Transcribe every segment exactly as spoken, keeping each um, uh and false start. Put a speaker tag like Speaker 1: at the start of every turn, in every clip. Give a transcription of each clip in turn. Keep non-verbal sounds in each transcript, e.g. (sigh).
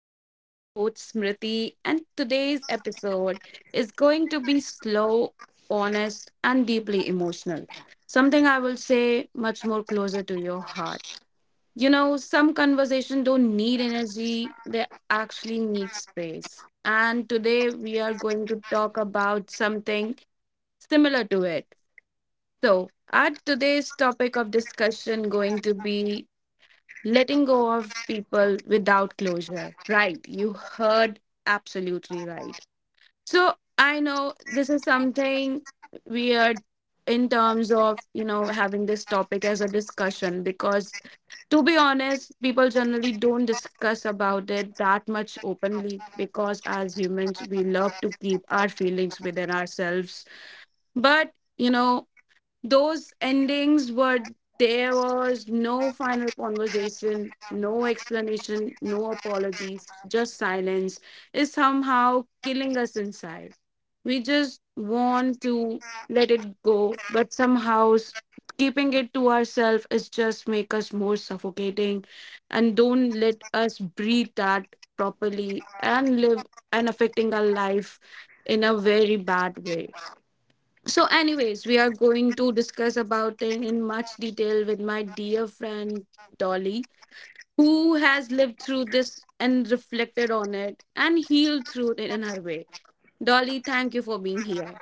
Speaker 1: I am your host Smriti, and today's episode is going to be slow, honest, and deeply emotional. Something I will say much more closer to your heart. You know, some conversation don't need energy, they actually need space. And today we are going to talk about something similar to it. So, our today's topic of discussion going to be letting go of people without closure, right? You heard absolutely right. So I know this is something weird in terms of you know having this topic as a discussion because, to be honest, people generally don't discuss about it that much openly because as humans we love to keep our feelings within ourselves. But you know those endings were there was no final conversation, no explanation, no apologies, just silence is somehow killing us inside. We just want to let it go, but somehow s- keeping it to ourselves is just make us more suffocating and don't let us breathe that properly and live and affecting our life in a very bad way. So, anyways, we are going to discuss about it in much detail with my dear friend Dolly, who has lived through this and reflected on it and healed through it in her way. Dolly, thank you for being here.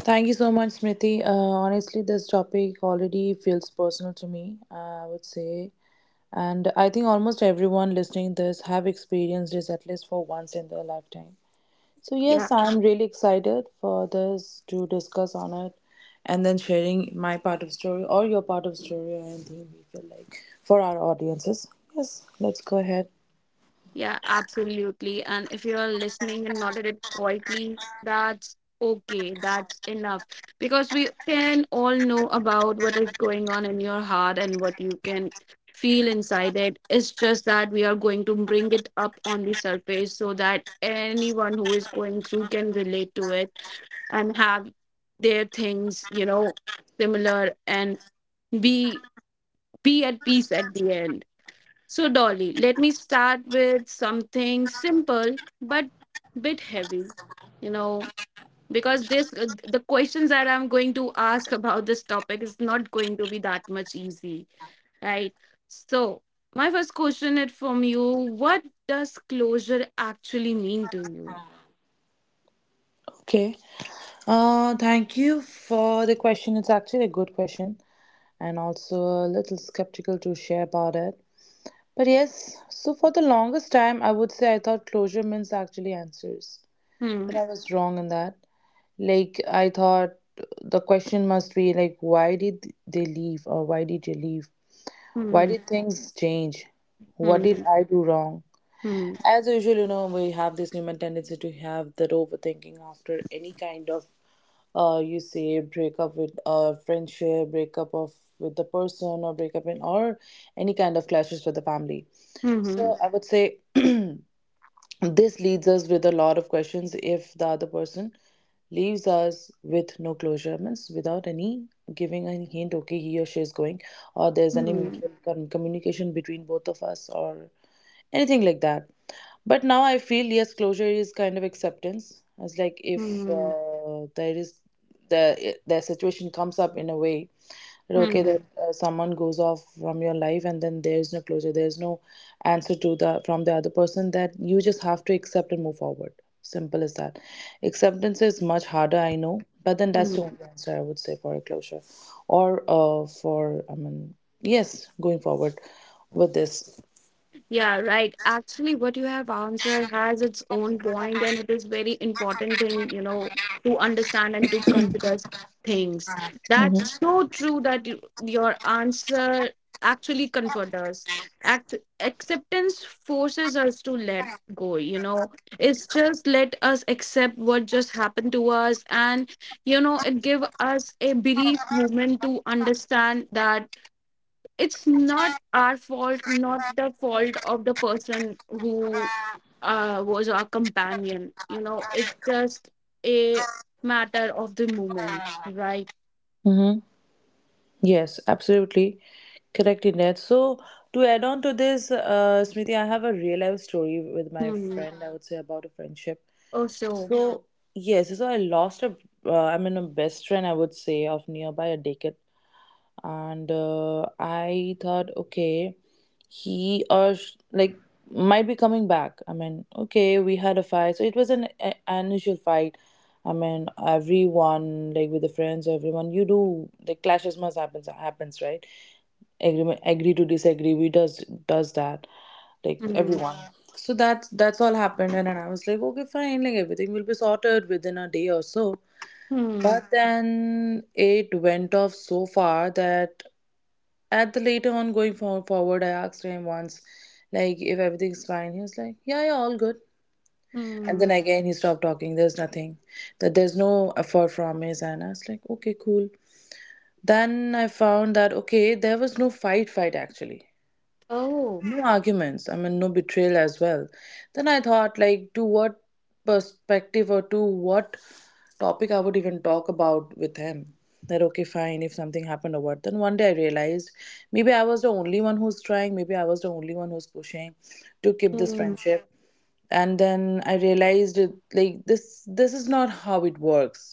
Speaker 2: Thank you so much, Smriti. Uh, honestly, this topic already feels personal to me, uh, I would say. And I think almost everyone listening this have experienced this at least for once in their lifetime. So
Speaker 1: Yeah.
Speaker 2: yes, I'm really excited for this to discuss on it and then sharing my part of story or your part of story or anything we feel like for our audiences. Yes, let's go ahead.
Speaker 1: Yeah, absolutely. And if you're listening and nodded it quietly, that's okay. That's enough. Because we can all know about what is going on in your heart and what you can feel inside it. It's just that we are going to bring it up on the surface so that anyone who is going through can relate to it and have their things, you know, similar, and be be at peace at the end. So, Dolly, let me start with something simple but bit heavy, you know, because this uh, the questions that I'm going to ask about this topic is not going to be that much easy, right? So, my first question is from you: what does closure actually mean to you?
Speaker 2: Okay. Uh, thank you for the question. It's actually a good question and also a little skeptical to share about it. But yes, so for the longest time, I would say I thought closure means actually answers.
Speaker 1: Hmm.
Speaker 2: But I was wrong in that. Like, I thought the question must be like, why did they leave or why did you leave? Why
Speaker 1: Hmm.
Speaker 2: did things change? What did
Speaker 1: Hmm.
Speaker 2: I do wrong?
Speaker 1: Hmm.
Speaker 2: As usual, you know, we have this human tendency to have that overthinking after any kind of uh, you say break up with a friendship, break up of with the person, or break up in or any kind of clashes with the family.
Speaker 1: Hmm.
Speaker 2: So I would say (clears throat) this leads us with a lot of questions if the other person leaves us with no closure means without any giving any hint, okay, he or she is going, or there's
Speaker 1: Hmm.
Speaker 2: any
Speaker 1: Hmm.
Speaker 2: mutual com- communication between both of us or anything like that. But now I feel yes, closure is kind of acceptance, as like if
Speaker 1: Hmm.
Speaker 2: uh, there is the eh, the situation comes up in a way that okay,
Speaker 1: Hmm.
Speaker 2: that uh, someone goes off from your life and then there is no closure, there is no answer to the from the other person, that you just have to accept and move forward. Simple as that. Acceptance is much harder, I know, but then that's the
Speaker 1: hmm.
Speaker 2: only answer I would say for a closure. Or uh, for I mean, yes, going forward with this.
Speaker 1: Yeah, right. Actually, what you have answered has its own point, and it is very important thing, you know, to understand and to consider things.
Speaker 2: Mm-hmm.
Speaker 1: That's so true that you, your answer actually comforts us. Act Acceptance forces us to let go, you know. It's just let us accept what just happened to us, and you know, it give us a brief moment to understand that it's not our fault, not the fault of the person who uh, was our companion. You know it's just a matter of the moment, right?
Speaker 2: Yes, absolutely correct in that. So, to add on to this, uh, Smriti, I have a real life story with my
Speaker 1: hmm
Speaker 2: friend, I would say, about a friendship.
Speaker 1: oh so
Speaker 2: So, yes, so I lost a, uh, I mean, a best friend, I would say, of nearby a decade. And uh, I thought okay, he or sh- like might be coming back. I mean, okay, we had a fight, so it was an, a- an initial fight. I mean, everyone, like with the friends, everyone, you do like clashes must happens happens, right? Agree, agree to disagree, we does does that, like
Speaker 1: hmm
Speaker 2: everyone. Yeah. So that that's all happened, and, and I was like okay fine, like everything will be sorted within a day or so.
Speaker 1: hmm
Speaker 2: But then it went off so far that at the later on going for, forward, I asked him once like if everything's fine. He was like, yeah, yeah, all good. And
Speaker 1: hmm
Speaker 2: then again he stopped talking, there's nothing, that there's no effort from his end. I was like, okay, cool. Then I found that okay, there was no fight fight actually,
Speaker 1: oh
Speaker 2: no arguments, I mean, no betrayal as well. Then I thought like to what perspective or to what topic I would even talk about with him, that okay fine, if something happened or what. Then one day I realized maybe I was the only one who's trying, maybe I was the only one who's pushing to keep this
Speaker 1: hmm
Speaker 2: friendship. And then I realized it, like this this is not how it works,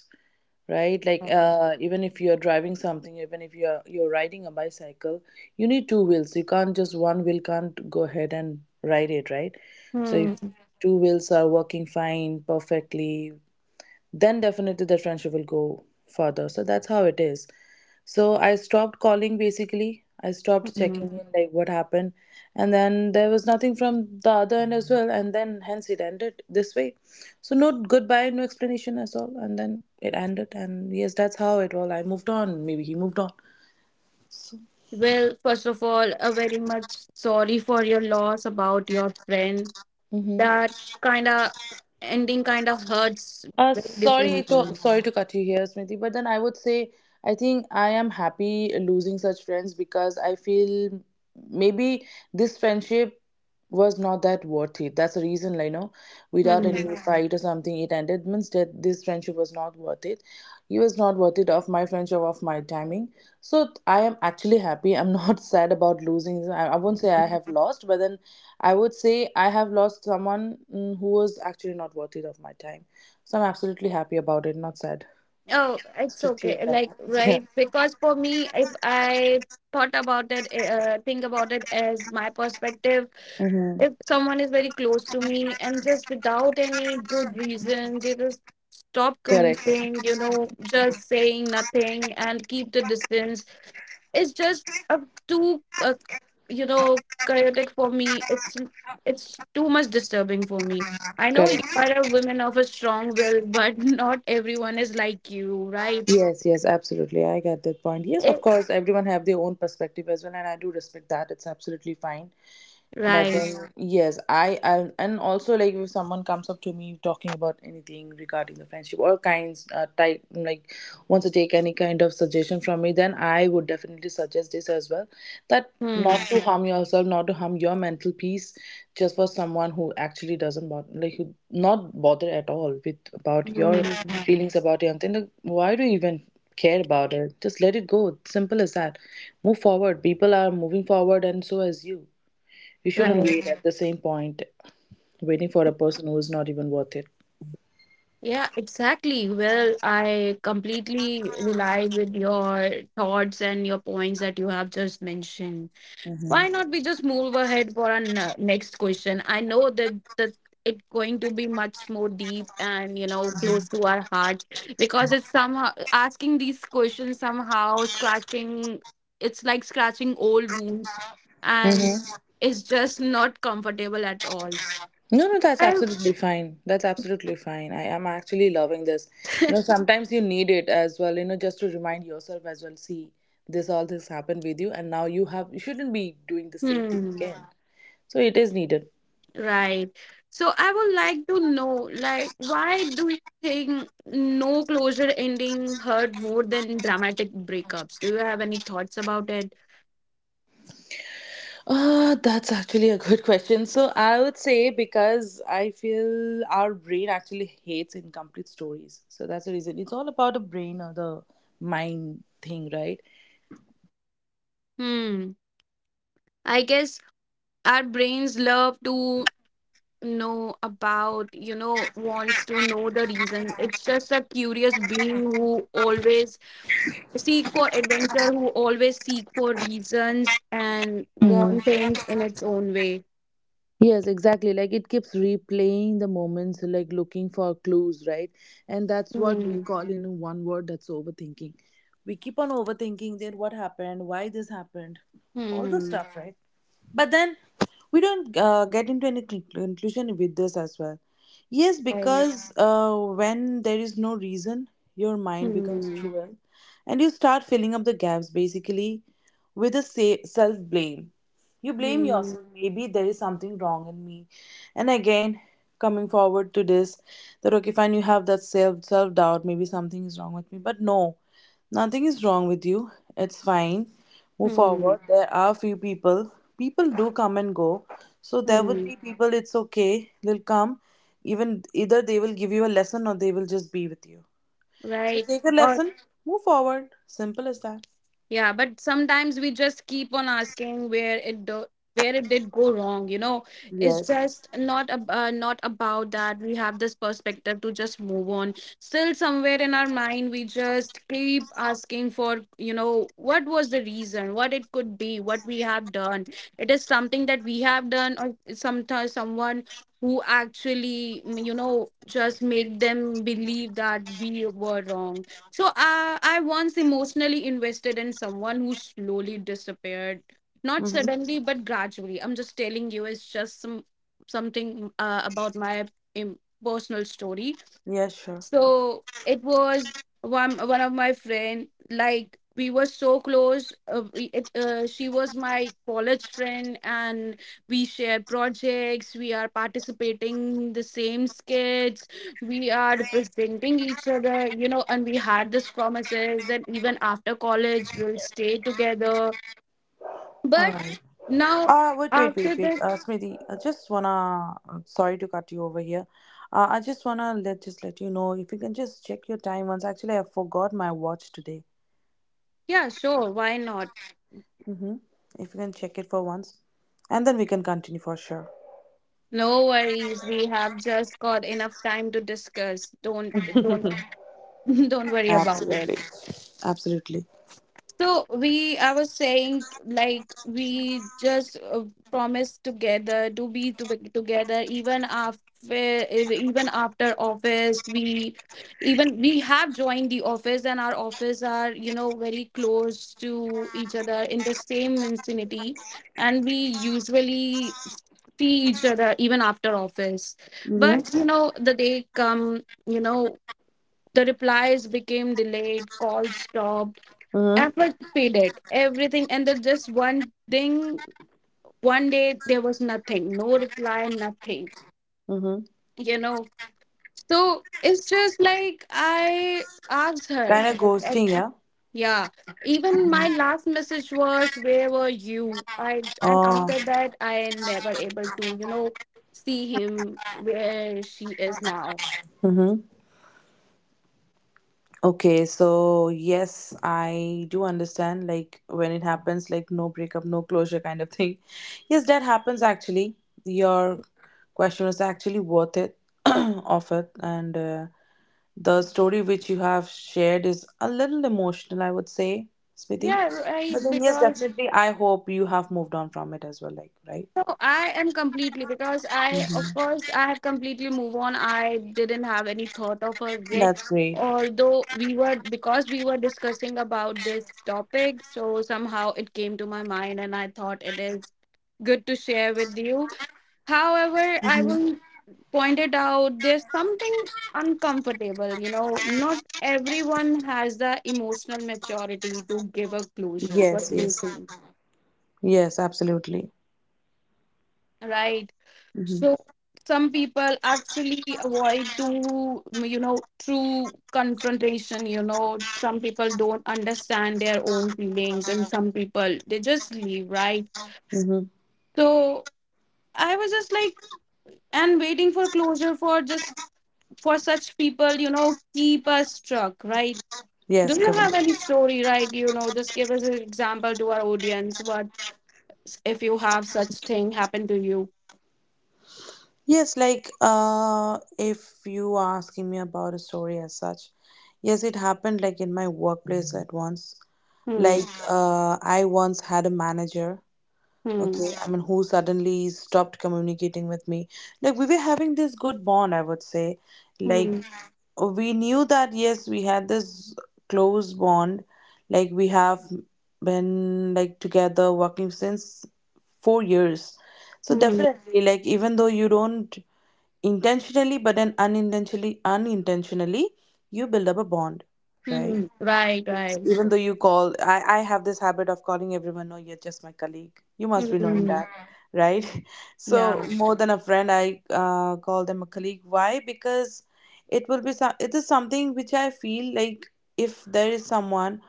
Speaker 2: right? Like
Speaker 1: Okay.
Speaker 2: uh, even if you're driving something, even if you're you're riding a bicycle, you need two wheels. You can't just, one wheel can't go ahead and ride it, right? So if
Speaker 1: hmm
Speaker 2: two wheels are working fine perfectly, then definitely the friendship will go further. So that's how it is. So I stopped calling, basically. I stopped checking
Speaker 1: hmm
Speaker 2: in like what happened. And then there was nothing from the other end as well. And then hence it ended this way. So no goodbye, no explanation at all. And then it ended. And yes, that's how it all. I moved on. Maybe he moved on.
Speaker 1: well, first of all, a very much sorry for your loss about your friend.
Speaker 2: Mm-hmm.
Speaker 1: That kind of ending kind of hurts
Speaker 2: Uh,
Speaker 1: very
Speaker 2: sorry to
Speaker 1: differently.
Speaker 2: sorry to cut you here, Smriti, but then I would say I think I am happy losing such friends, because I feel maybe this friendship was not that worth it. That's the reason, like, you know, without any
Speaker 1: hmm
Speaker 2: Mhm. fight or something, it ended. Means that this friendship, it was not worth it, he was not worth it of my friendship, of my timing. So th- I am actually happy. I'm not (laughs) sad about losing. I, I won't say I have lost, but then I would say I have lost someone, mm, who was actually not worth it of my time. So I'm absolutely happy about it, not sad,
Speaker 1: Oh, it's
Speaker 2: strictly
Speaker 1: okay.
Speaker 2: of that.
Speaker 1: Like,
Speaker 2: (laughs) Yeah.
Speaker 1: right? Because for me, if I thought about it, eh, uh, think about it as my perspective,
Speaker 2: Mm-hmm.
Speaker 1: if someone is very close to me and just without any good reason, they just stop
Speaker 2: Correct.
Speaker 1: communicating, you know, just saying nothing and keep the distance, it's just uh, too, uh, you know, chaotic for me. It's it's too much disturbing for me. I know you
Speaker 2: Correct.
Speaker 1: are a woman of a strong will, but not everyone is like you, right?
Speaker 2: Yes, yes, absolutely. I get that point. Yes, of
Speaker 1: Eh,
Speaker 2: course, everyone have their own perspective as well, and I do respect that. It's absolutely fine. But
Speaker 1: Right.
Speaker 2: then, yes, I, I and also like if someone comes up to me talking about anything regarding the friendship or kinds uh, type, like wants to take any kind of suggestion from me, then I would definitely suggest this as well, that not
Speaker 1: Hmm.
Speaker 2: to harm (laughs) yourself, not to harm your mental peace, just for someone who actually doesn't bother, like who not bother at all with about your
Speaker 1: Hmm.
Speaker 2: feelings, about anything. Like, why do you even care about it? Just let it go. Simple as that. Move forward. People are moving forward, and so is you, you shouldn't
Speaker 1: Right.
Speaker 2: wait at the same point waiting for a person who is not even worth it.
Speaker 1: Yeah, exactly. Well, I completely rely with your thoughts and your points that you have just mentioned.
Speaker 2: Mm-hmm.
Speaker 1: Why not we just move ahead for our n- next question? I know that that it's going to be much more deep and you know close to our hearts because it's somehow asking these questions somehow scratching. It's like scratching old wounds, and
Speaker 2: Hmm.
Speaker 1: it's just not comfortable at all.
Speaker 2: No, no, that's
Speaker 1: I
Speaker 2: absolutely fine. That's absolutely fine. I am actually loving this. You know, sometimes you need it as well, you know, just to remind yourself as well, see, this, all this happened with you, and now you have, you shouldn't be doing the same thing
Speaker 1: hmm,
Speaker 2: again. So it is needed.
Speaker 1: right. So I would like to know, like, why do you think no closure ending hurt more than dramatic breakups? Do you have any thoughts about it?
Speaker 2: Uh, that's actually a good (laughs) question. So I would say because I feel our brain actually hates incomplete stories. So that's the reason. It's all about the brain or the mind thing, right?
Speaker 1: Hmm. I guess our brains love to know about, you know, wants to know the reason. It's just a curious being who always seek for adventure, who always seek for reasons and
Speaker 3: Hmm.
Speaker 1: want things in its own way.
Speaker 3: Yes, exactly. Like it keeps replaying the moments, like looking for clues, right? And that's what we
Speaker 1: Hmm.
Speaker 3: call in one word, that's overthinking. We keep on overthinking that what happened, why this happened, all the
Speaker 1: Hmm.
Speaker 3: stuff, right? But then we don't uh, get into any cl- conclusion with this as well. Yes,
Speaker 1: Right.
Speaker 3: because uh, when there is no reason, your mind becomes
Speaker 1: hmm,
Speaker 3: cruel and you start filling up the gaps basically with a self blame. You blame
Speaker 1: hmm,
Speaker 3: yourself. Maybe there is something wrong in me. And again, coming forward to this, that okay, fine, you have that self self doubt. Maybe something is wrong with me. But no, nothing is wrong with you. It's fine. Move
Speaker 1: hmm,
Speaker 3: forward. There are few people. People do come and go. So there would
Speaker 1: hmm.
Speaker 3: be people. It's okay. They'll come. Even either they will give you a lesson or they will just be with you. So
Speaker 1: Right.
Speaker 3: take a
Speaker 1: Or
Speaker 3: lesson. Move forward. Simple as that.
Speaker 1: yeah, but sometimes we just keep on asking where it do where it did go wrong, you know. It's
Speaker 3: Yes.
Speaker 1: just not ab uh, not about that. We have this perspective to just move on. Still somewhere in our mind, we just keep asking for, you know, what was the reason, what it could be, what we have done. It is something that we have done, or sometimes someone who actually, mm, you know, just make them believe that we were wrong. So uh, I once emotionally invested in someone who slowly disappeared, not
Speaker 3: Mm-hmm.
Speaker 1: suddenly but gradually. I'm just telling you, it's just some something uh, about my im- personal story.
Speaker 3: Yes. Sure.
Speaker 1: So it was one one of my friend. Like, we were so close. Uh, we, it, uh, she was my college friend, and we share projects, we are participating in the same skits, we are representing each other, you know, and we had this promises that even after college we'll stay together.
Speaker 3: All
Speaker 1: But
Speaker 3: right.
Speaker 1: now
Speaker 3: Uh, wait, wait,
Speaker 1: after
Speaker 3: wait, wait.
Speaker 1: that,
Speaker 3: Uh, Smriti, I just wanna. uh, Sorry to cut you over here. Uh, I just wanna let just let you know if you can just check your time once. Actually, I forgot my watch today.
Speaker 1: yeah, sure, why not?
Speaker 3: Mm-hmm. If you can check it for once, and then we can continue for sure.
Speaker 1: No worries. We have just got enough time to discuss. Don't don't (laughs) Don't worry about it.
Speaker 3: Absolutely, absolutely.
Speaker 1: So we, I was saying, like, we just uh, promised together to be to be together, even after even after office. We Even we have joined the office, and our office are, you know, very close to each other in the same vicinity, and we usually see each other even after office. But
Speaker 3: Mm-hmm.
Speaker 1: you know the day come, you know the replies became delayed, calls stopped,
Speaker 3: Mm-hmm.
Speaker 1: effort faded, everything. And then just one thing, one day there was nothing, no reply, nothing,
Speaker 3: Mm-hmm.
Speaker 1: you know. So it's just like I asked her,
Speaker 3: Kind of
Speaker 1: like, I,
Speaker 3: ghosting, yeah.
Speaker 1: yeah. Even my last message was, "Where were you?" I and
Speaker 3: Oh.
Speaker 1: after that, I never able to, you know, see him where she is now.
Speaker 3: Mm-hmm. Okay, so yes, I do understand. Like when it happens, like no breakup, no closure kind of thing. (laughs) Yes, that happens actually. Your question was actually worth it, (clears throat) of it. And uh, the story which you have shared is a little emotional, I would say, Smriti.
Speaker 1: Yeah,
Speaker 3: But
Speaker 1: right.
Speaker 3: then, yes,
Speaker 1: Because
Speaker 3: definitely, I hope you have moved on from it as well. Like, right?
Speaker 1: no, I am completely, because I, of course, I have completely moved on. I didn't have any thought of her yet.
Speaker 3: That's great.
Speaker 1: Although we were, because we were discussing about this topic, so somehow it came to my mind and I thought it is good to share with you. However, I
Speaker 3: Hmm.
Speaker 1: will point it out there's something uncomfortable, you know, not everyone has the emotional maturity to give a closure. What
Speaker 3: Yes,
Speaker 1: do you
Speaker 3: yes,
Speaker 1: think?
Speaker 3: yes, absolutely.
Speaker 1: Right. So
Speaker 3: Mm-hmm.
Speaker 1: some people actually avoid to, mm, you know, true confrontation. You know, some people don't understand their own feelings, and some people they just leave, right?
Speaker 3: Mm-hmm.
Speaker 1: So I was just like, and waiting for closure for just for such people, you know, keep us struck, right?
Speaker 3: Yes,
Speaker 1: Do you
Speaker 3: correct.
Speaker 1: have any story, right? You know, just give us an example to our audience. What if you have such thing happen to you?
Speaker 3: Yes, like uh, if you are asking me about a story as such, yes, it happened like in my workplace at once.
Speaker 1: Hmm.
Speaker 3: Like uh, I once had a manager,
Speaker 1: Hmm.
Speaker 3: okay, I mean, who suddenly stopped communicating with me. Like we were having this good bond, I would say.
Speaker 1: Hmm.
Speaker 3: Like
Speaker 1: Hmm.
Speaker 3: we knew that yes, we had this close bond. Like we have been like together working since four years. So
Speaker 1: hmm.
Speaker 3: definitely, like even though you don't intentionally, but then unintentionally unintentionally, you build up a bond, right?
Speaker 1: hmm Right, right.
Speaker 3: Even though you call, i i have this habit of calling everyone, no, you're just my colleague, you must be knowing
Speaker 1: hmm
Speaker 3: that, right? (laughs) So
Speaker 1: Yeah.
Speaker 3: more than a friend, i uh, call them a colleague. Why? Because it will be some, it is something which I feel like, if there is someone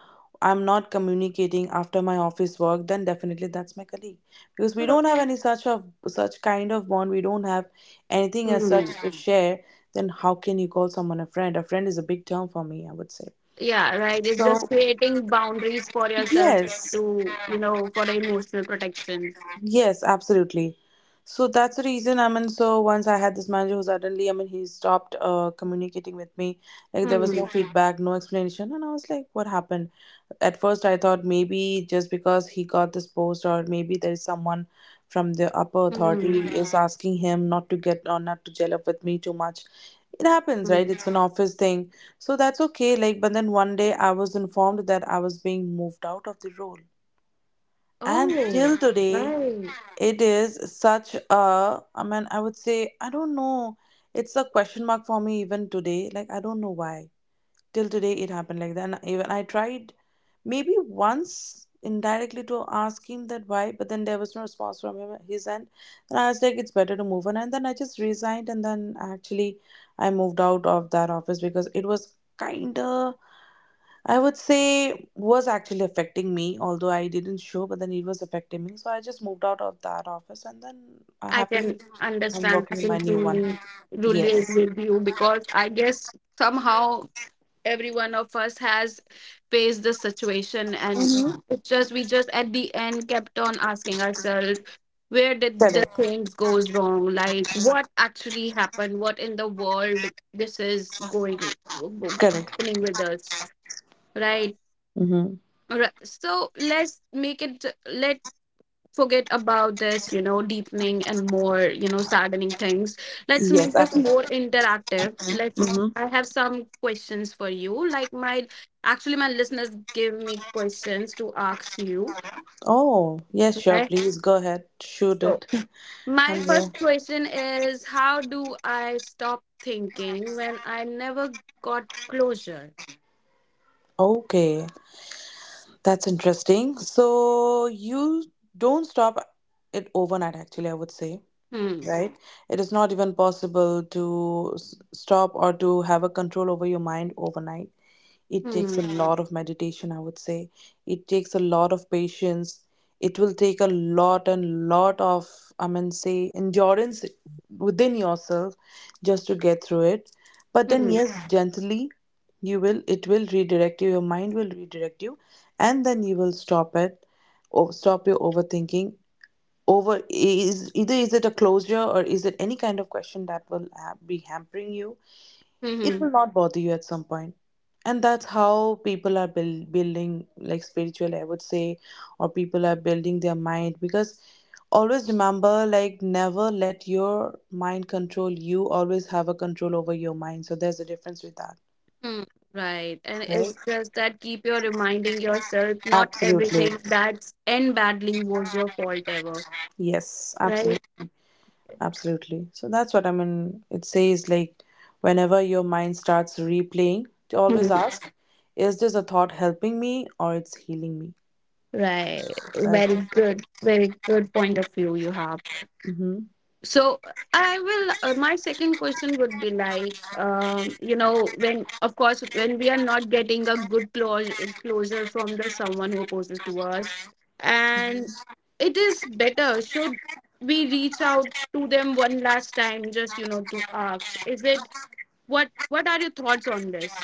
Speaker 3: I'm not communicating after my office work, then definitely that's my colleague, because we
Speaker 1: So,
Speaker 3: don't have any such of such kind of bond. We don't have anything as such
Speaker 1: mm,
Speaker 3: to share. Then how can you call someone a friend? A friend is a big term for me, I would say.
Speaker 1: yeah, right. It's
Speaker 3: So
Speaker 1: just creating boundaries for yourself
Speaker 3: yes,
Speaker 1: to, you know, for the emotional protection.
Speaker 3: yes, absolutely. So that's the reason. I mean, so once I had this manager who suddenly, I mean, he stopped uh, communicating with me. Like there was no
Speaker 1: Hmm.
Speaker 3: feedback, no explanation, and I was like, "What happened?" At first I thought, maybe just because he got this post, or maybe there is someone from the upper authority
Speaker 1: Hmm.
Speaker 3: is asking him not to get, or not to gel up with me too much. It happens,
Speaker 1: Hmm.
Speaker 3: right? It's an office thing. So that's okay, like, but then one day I was informed that I was being moved out of the role, and
Speaker 1: Oh,
Speaker 3: till today
Speaker 1: right.
Speaker 3: it is such a, I mean, I would say, I don't know, it's a question mark for me even today. Like, I don't know why till today it happened like that. And even I tried maybe once indirectly to ask him that why, but then there was no response from him, his end. And I was like, it's better to move on. And then I just resigned, and then actually I moved out of that office because it was kinda, I would say, was actually affecting me. Although I didn't show, but then it was affecting me. So I just moved out of that office, and then I
Speaker 1: I can
Speaker 3: happily, I'm
Speaker 1: understand. I
Speaker 3: working in my
Speaker 1: can
Speaker 3: new one.
Speaker 1: truly
Speaker 3: Yes.
Speaker 1: relate with you because I guess somehow every one of us has faced this situation and it's just we just at the end kept on asking ourselves where did the
Speaker 3: Correct.
Speaker 1: things goes wrong, like what actually happened, what in the world this is going
Speaker 3: Correct.
Speaker 1: happening with us, right?
Speaker 3: Mm-hmm.
Speaker 1: Right. So let's make it let forget about this, you know, deepening and more, you know, saddening things. Let's make
Speaker 3: Yes,
Speaker 1: this more
Speaker 3: absolutely.
Speaker 1: interactive. Let's I
Speaker 3: Mm-hmm.
Speaker 1: have some questions for you. Like my actually my listeners give me questions to ask you.
Speaker 3: Oh, yes, sure.
Speaker 1: Right.
Speaker 3: Please go ahead. Shoot
Speaker 1: So
Speaker 3: it. (laughs)
Speaker 1: my
Speaker 3: I'm here.
Speaker 1: first question is how do I stop thinking when I never got closure?
Speaker 3: Okay, that's interesting. So you don't stop it overnight, actually, I would say,
Speaker 1: Hmm.
Speaker 3: right? It is not even possible to s- stop or to have a control over your mind overnight. It takes
Speaker 1: Hmm.
Speaker 3: a Mhm. lot of meditation, I would say. It takes a lot of patience. It will take a lot and lot of, I mean, say, endurance within yourself just to get through it. But
Speaker 1: Hmm.
Speaker 3: then,
Speaker 1: Hmm.
Speaker 3: yes, gently you will it will redirect you, your mind will redirect you, and then you will stop it, or stop your overthinking. Over is, either is it a closure or is it any kind of question that will ha- be hampering you,
Speaker 1: hmm,
Speaker 3: it
Speaker 1: hmm.
Speaker 3: will not bother you at some point. And that's how people are build, building like spiritual, I would say, or people are building their mind. Because always remember, like, never let your mind control you, always have a control over your mind. So there's a difference with that,
Speaker 1: Hmm, Right. And
Speaker 3: right?
Speaker 1: it's just that keep your reminding yourself not
Speaker 3: Absolutely.
Speaker 1: everything that's end badly was your fault ever.
Speaker 3: Yes,
Speaker 1: Right?
Speaker 3: absolutely. Absolutely. So that's what I mean. It says like, whenever your mind starts replaying, to always
Speaker 1: Hmm,
Speaker 3: ask, is this a thought helping me or it's healing me?
Speaker 1: Right.
Speaker 3: That's
Speaker 1: Very
Speaker 3: the
Speaker 1: good.
Speaker 3: difference.
Speaker 1: Very good point of view you have.
Speaker 3: Hmm.
Speaker 1: So I will, uh, my second question would be like, um, you know, when of course when we are not getting a good closure closure from the someone who opposes to us, and it is better should we reach out to them one last time just, you know, to ask is it what what are your thoughts on this?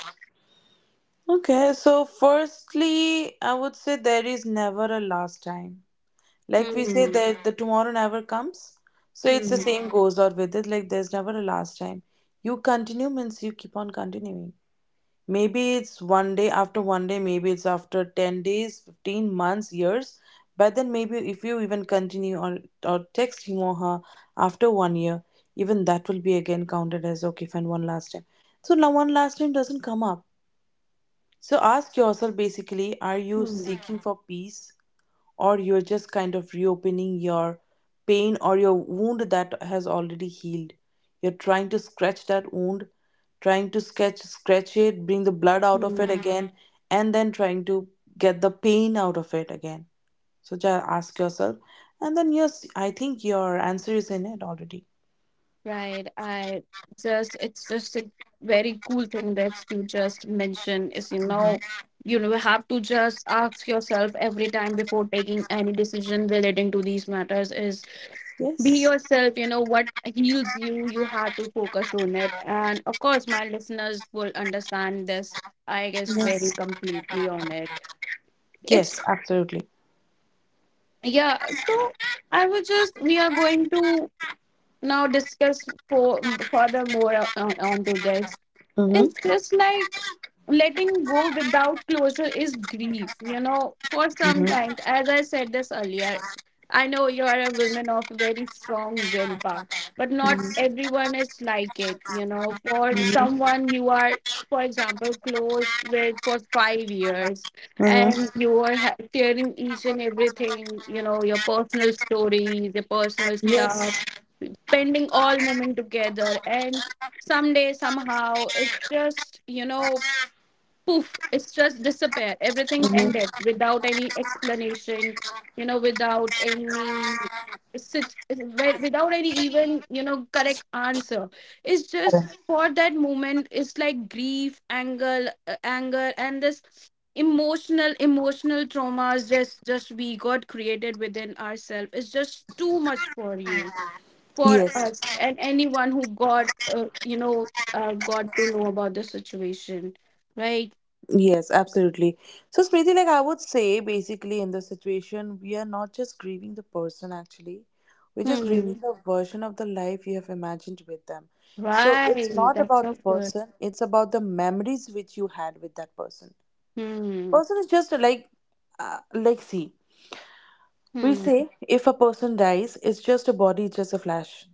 Speaker 3: Okay, so firstly, I would say there is never a last time. Like we say
Speaker 1: hmm.
Speaker 3: that the tomorrow never comes. So it's the
Speaker 1: Hmm.
Speaker 3: same goes on with it. Like, there's never a last time. You continue means you keep on continuing. Maybe it's one day after one day, maybe it's after ten days, fifteen months, years. But then maybe if you even continue, or, or text him or her after one year, even that will be again counted as okay, fine, one last time. So now one last time doesn't come up. So ask yourself basically, are you
Speaker 1: Hmm.
Speaker 3: seeking for peace? Or you're just kind of reopening your pain or your wound that has already healed? You're trying to scratch that wound, trying to sketch scratch it, bring the blood out of it
Speaker 1: Hmm.
Speaker 3: again, and then trying to get the pain out of it again. So just ask yourself, and then yes, I think your answer is in it already.
Speaker 1: Right. I just, it's just a very cool thing that you just mentioned is, you know, you know, have to just ask yourself every time before taking any decision relating to these matters is be
Speaker 3: Yes,
Speaker 1: yourself, you know, what heals you, you have to focus on it. And of course, my listeners will understand this, I guess, very
Speaker 3: yes,
Speaker 1: completely on it. It's,
Speaker 3: yes, absolutely.
Speaker 1: yeah. So I was just, we are going to now discuss for further more on, on to this. It's
Speaker 3: Mm-hmm.
Speaker 1: just like letting go without closure is grief, you know, for sometimes,
Speaker 3: Mm-hmm.
Speaker 1: as I said this earlier. I know you are a woman of very strong willpower, but not
Speaker 3: Mm-hmm.
Speaker 1: everyone is like it, you know. For
Speaker 3: Mm-hmm.
Speaker 1: someone you are, for example, close with for five years
Speaker 3: Mm-hmm.
Speaker 1: and you are ha- sharing each and everything, you know, your personal stories, your personal
Speaker 3: Yes.
Speaker 1: stuff, spending all moment together, and someday somehow it's just, you know, poof, it's just disappear, everything ended
Speaker 3: Mm-hmm.
Speaker 1: without any explanation, you know, without any sit wi- without any even, you know, correct answer. It's just for that moment it's like grief, anger, uh, anger, and this emotional emotional traumas, just just we got created within ourselves. It's just too much for you, for
Speaker 3: Yes.
Speaker 1: us, and anyone who got uh, you know, uh, got to know about the situation, right.
Speaker 3: Yes, absolutely. So, Smriti, like I would say, basically, in the situation, we are not just grieving the person, actually. We're just
Speaker 1: Hmm,
Speaker 3: grieving the version of the life you have imagined with them. So, it's
Speaker 1: right,
Speaker 3: not
Speaker 1: that's
Speaker 3: about
Speaker 1: so
Speaker 3: the
Speaker 1: good.
Speaker 3: person, it's about the memories which you had with that person.
Speaker 1: Hmm.
Speaker 3: Person is just like, uh, like, see, we
Speaker 1: Hmm.
Speaker 3: say if a person dies, it's just a body, it's just a flash.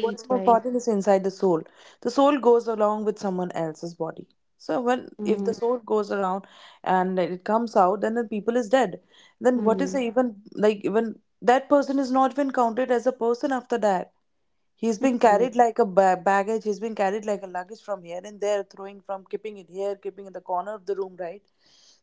Speaker 3: What is more
Speaker 1: right.
Speaker 3: important is inside the soul. The soul goes along with someone else's body. So when, if
Speaker 1: Hmm.
Speaker 3: the soul goes around and it comes out, then the people is dead. Then what is the
Speaker 1: Hmm.
Speaker 3: even, like, even that person is not even counted as a person after that. He's being
Speaker 1: Hmm.
Speaker 3: carried like a ba- baggage. He's being carried like a luggage from here and there, throwing, from keeping it here, keeping in the corner of the room, right?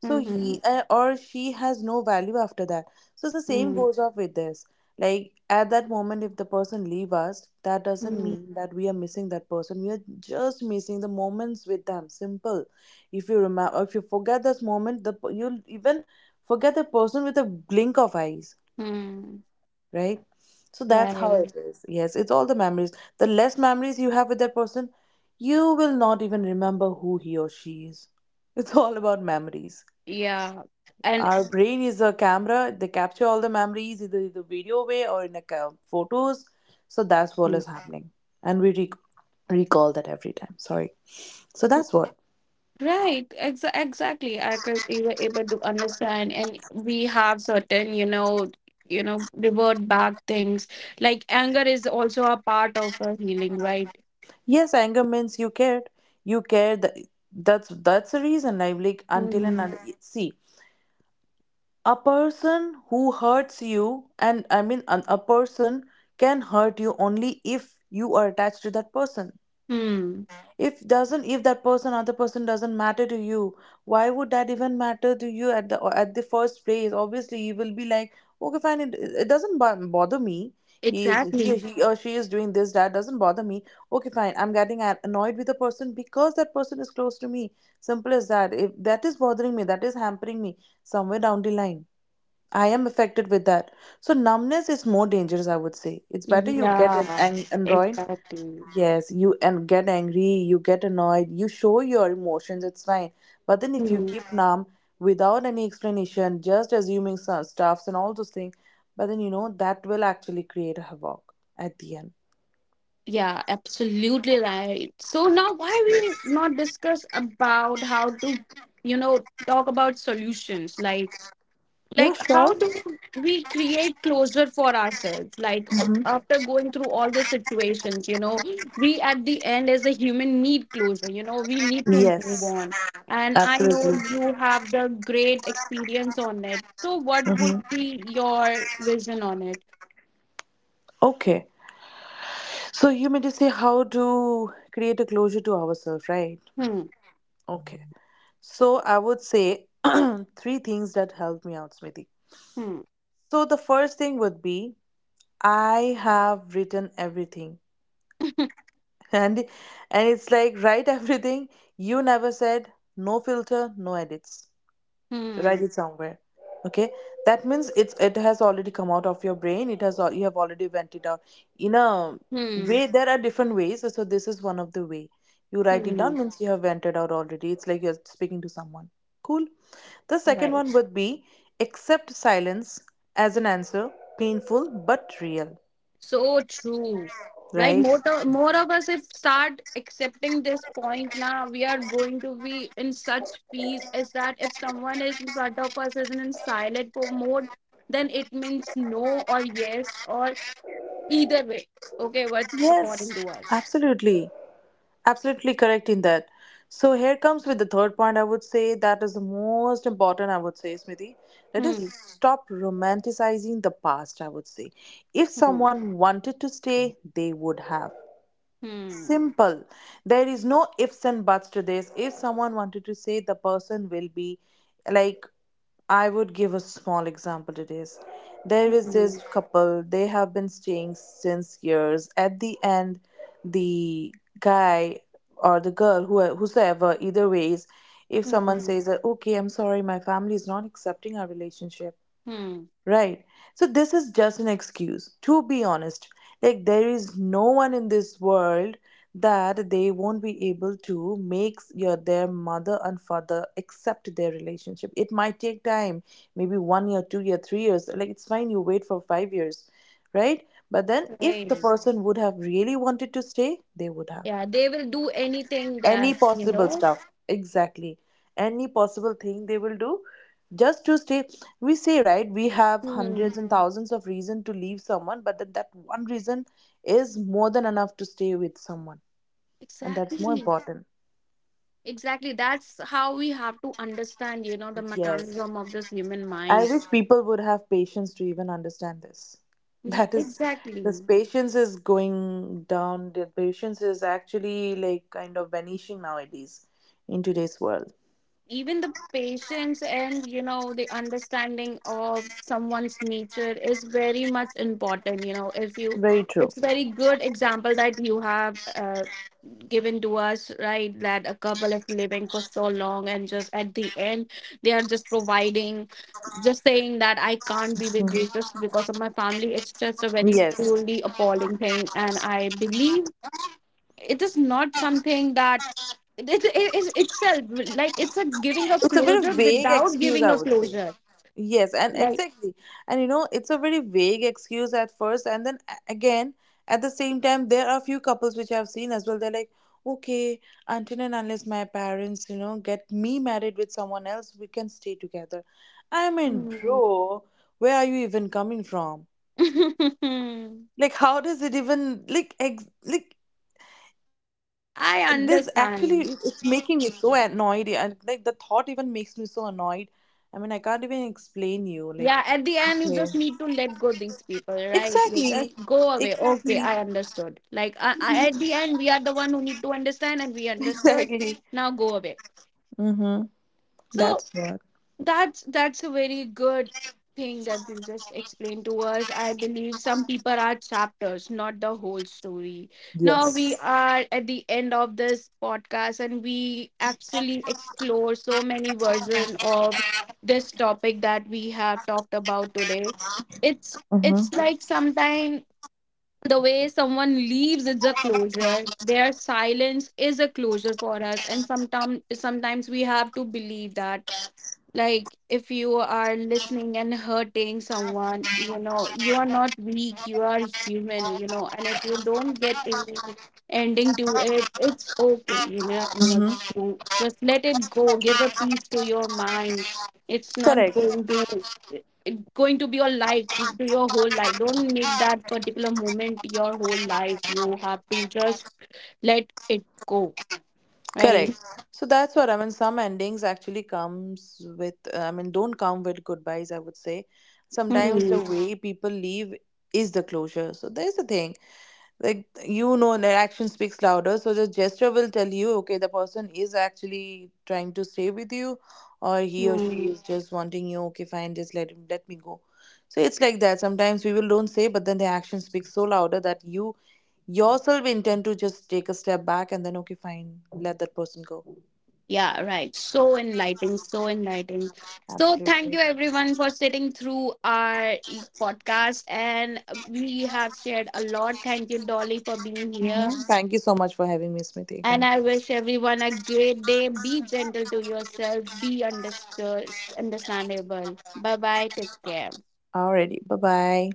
Speaker 3: So he, uh, or she, has no value after that. So the same
Speaker 1: Hmm.
Speaker 3: goes off with this. Like, at that moment, if the person leave us, that doesn't
Speaker 1: Hmm.
Speaker 3: mean that we are missing that person, we are just missing the moments with them. Simple. If you remember, if you forget this moment, the per- you'll even forget the person with a blink of eyes,
Speaker 1: Hmm.
Speaker 3: right? So that's how it
Speaker 1: Right.
Speaker 3: is. Yes, it's all the memories. The less memories you have with that person, you will not even remember who he or she is. It's all about memories.
Speaker 1: Yeah. And
Speaker 3: Our brain is a camera. They capture all the memories, either in the video way or in the ca- photos. So that's what
Speaker 1: mm.
Speaker 3: is happening, and we rec recall that every time. Sorry. So that's what.
Speaker 1: Right, exa exactly. I could, we were able to understand, and we have certain, you know, you know, revert back things. Like anger is also a part of our healing, right?
Speaker 3: Yes, anger means you cared. You cared. That, that's that's the reason. I'm like, until and
Speaker 1: Hmm.
Speaker 3: un- see a person who hurts you, and I mean an, a person can hurt you only if you are attached to that person.
Speaker 1: Hmm.
Speaker 3: If doesn't if that person other person doesn't matter to you, why would that even matter to you at the at the first place? Obviously you will be like, okay fine, it, it doesn't bo- bother me. he is he,
Speaker 1: Exactly.
Speaker 3: he or she is doing this, that doesn't bother me. Okay fine, I'm getting a- annoyed with the person because that person is close to me. Simple as that. If that is bothering me, that is hampering me somewhere down the line, I am affected with that. So numbness is more dangerous, I would say. It's better you get an,
Speaker 1: Yeah.
Speaker 3: an android.
Speaker 1: Exactly.
Speaker 3: Yes, you and get angry, you get annoyed, you show your emotions, it's fine. But then if you
Speaker 1: Hmm.
Speaker 3: keep numb without any explanation, just assuming some stuffs and all those things, but then you know that will actually create a havoc at the end.
Speaker 1: Yeah, absolutely right. So now, why we not discuss about how to, you know, talk about solutions? Like
Speaker 3: Yeah,
Speaker 1: like
Speaker 3: sure.
Speaker 1: how do we create closure for ourselves, like uh,
Speaker 3: Hmm.
Speaker 1: after going through all the situations, you know, we at the end as a human need closure, you know, we need to move
Speaker 3: Yes,
Speaker 1: on. And I know
Speaker 3: absolutely.
Speaker 1: you have the great experience on it, so what
Speaker 3: Hmm
Speaker 1: would be your vision on it?
Speaker 3: Okay. So you made to say how to create a closure to ourselves, right?
Speaker 1: Hmm.
Speaker 3: Okay. So I would say (clears throat) three things that helped me out, Smriti.
Speaker 1: Hmm.
Speaker 3: So the first thing would be, I have written everything.
Speaker 1: (laughs)
Speaker 3: (laughs) And and it's like, write (laughs) everything you never said, no filter, no edits. So
Speaker 1: Hmm.
Speaker 3: write it somewhere. Okay? That means it's it has already come out of your brain. It has al- you have already went it out. In a
Speaker 1: Hmm.
Speaker 3: way, there are different ways. So so this is one of the way. You write it
Speaker 1: Hmm.
Speaker 3: down means you have vented out already. It's like you're speaking to someone. Cool. The second
Speaker 1: Right.
Speaker 3: one would be, accept silence as an answer, painful but real.
Speaker 1: So true. Right?
Speaker 3: Right?
Speaker 1: More, to, more of us, if start accepting this point now, we are going to be in such peace as that if someone is in front of us isn't in silent po- mode, then it means no or yes or either way. Okay, what's
Speaker 3: Yes,
Speaker 1: according to us?
Speaker 3: absolutely. Absolutely correct in that. So here comes with the third point, I would say that is the most important, I would say, Smriti. Let us
Speaker 1: Hmm.
Speaker 3: stop romanticizing the past, I would say. If
Speaker 1: Hmm.
Speaker 3: someone wanted to stay, they would have.
Speaker 1: Hmm.
Speaker 3: Simple. There is no ifs and buts to this. If someone wanted to say, the person will be like, I would give a small example to this. There is
Speaker 1: Hmm.
Speaker 3: this couple, they have been staying since years. At the end, the guy or the girl, who whosoever, either ways, if someone
Speaker 1: Hmm.
Speaker 3: says that, okay, I'm sorry, my family is not accepting our relationship.
Speaker 1: Hmm.
Speaker 3: Right. So this is just an excuse. To be honest, like there is no one in this world that they won't be able to make your their mother and father accept their relationship. It might take time, maybe one year, two year, three years. Like it's fine, you wait for five years, right? But then if the
Speaker 1: Right.
Speaker 3: person would have really wanted to stay, they would have
Speaker 1: Yeah, they will do anything
Speaker 3: any
Speaker 1: that, you
Speaker 3: possible
Speaker 1: know?
Speaker 3: stuff. Exactly, any possible thing they will do just to stay. We say, right, we have
Speaker 1: Hmm.
Speaker 3: hundreds and thousands of reason to leave someone, but then that one reason is more than enough to stay with someone, and that's more
Speaker 1: Exactly.
Speaker 3: important.
Speaker 1: Exactly. That's how we have to understand, you know, the
Speaker 3: Yes,
Speaker 1: mechanism of this human
Speaker 3: I
Speaker 1: mind.
Speaker 3: wish people would have patience to even understand this. (laughs)
Speaker 1: Ye-
Speaker 3: That is, this
Speaker 1: Exactly.
Speaker 3: patience is going down, the patience is actually like kind of vanishing nowadays in today's world.
Speaker 1: Even the patience and you know the understanding of someone's nature is very much important, you know, if you.
Speaker 3: Very true.
Speaker 1: It's very good example that you have uh, given to us, right, that a couple is living for so long and just at the end they are just providing, just saying that I
Speaker 3: Hmm.
Speaker 1: can't be with you just because of my family. It's just a very
Speaker 3: Yes,
Speaker 1: truly appalling thing, and I believe it is not something that it, it is itself like it's a giving a
Speaker 3: it's a very
Speaker 1: closure
Speaker 3: vague
Speaker 1: without
Speaker 3: excuse,
Speaker 1: giving
Speaker 3: I
Speaker 1: a
Speaker 3: would say.
Speaker 1: closure,
Speaker 3: Yes, and
Speaker 1: like.
Speaker 3: exactly, and you know, it's a very vague excuse at first, and then a- again, at the same time, there are a few couples which I've seen as well. They're like, okay, until and unless my parents, you know, get me married with someone else, we can stay together. I mean
Speaker 1: Hmm.
Speaker 3: bro, where are you even coming from?
Speaker 1: (laughs)
Speaker 3: Like how does it even like ex- like this
Speaker 1: I
Speaker 3: actually is, it's making me
Speaker 1: understand.
Speaker 3: so annoyed. Yeah, and like the thought even makes me so annoyed. I mean, I can't even explain you, like,
Speaker 1: Yeah, at the end
Speaker 3: yeah.
Speaker 1: you just need to let go these people, right, you
Speaker 3: Exactly.
Speaker 1: just go away, okay,
Speaker 3: Exactly.
Speaker 1: I understood, like I, I, at the end we are the one who need to understand and we
Speaker 3: (laughs)
Speaker 1: understood,
Speaker 3: Exactly.
Speaker 1: now go away.
Speaker 3: Mm-hmm.
Speaker 1: So
Speaker 3: That's what.
Speaker 1: That's that's a very good thing that you just explained to us. I believe some people are chapters, not the whole story. Now we
Speaker 3: Yes.
Speaker 1: are at the end of this podcast, and we actually explore so many versions of this topic that we have talked about today. It's it's
Speaker 3: Mm-hmm.
Speaker 1: like sometimes the way someone leaves is a closure. Their silence is a closure for us, and sometimes sometimes we have to believe that, like if you are listening and hurting someone, you know, you are not weak, you are human, you know, and if you don't get any ending to it, it's okay, you know, you know,
Speaker 3: Mm-hmm.
Speaker 1: to just let it go, give a peace to your mind. It's not
Speaker 3: Correct,
Speaker 1: going to, it's going to be your life, to your whole life, don't make that particular moment your whole life, you have to just let it go,
Speaker 3: correct.
Speaker 1: right.
Speaker 3: So that's what I mean. Some endings actually comes with, uh, I mean, don't come with goodbyes, I would say. Sometimes
Speaker 1: Hmm.
Speaker 3: the way people leave is the closure. So there's the thing. Like you know that action speaks louder, so the gesture will tell you, okay, the person is actually trying to stay with you, or he or she
Speaker 1: Hmm.
Speaker 3: is just wanting you, okay fine, just let him let me go. So it's like that. Sometimes people don't say, but then the action speaks so louder that you yourself intend to just take a step back, and then okay fine, let that person go.
Speaker 1: Yeah, right. So enlightening, so enlightening. So thank
Speaker 3: Absolutely.
Speaker 1: you everyone for sitting through our e- podcast, and we have shared a lot. Thank you, Dolly, for being here,
Speaker 3: Mhm. Thank you so much for having me, Smriti,
Speaker 1: and
Speaker 3: again.
Speaker 1: I wish everyone a great day. Be gentle to yourself, be understood, understandable. Bye-bye. Take care.
Speaker 3: Alrighty, bye bye.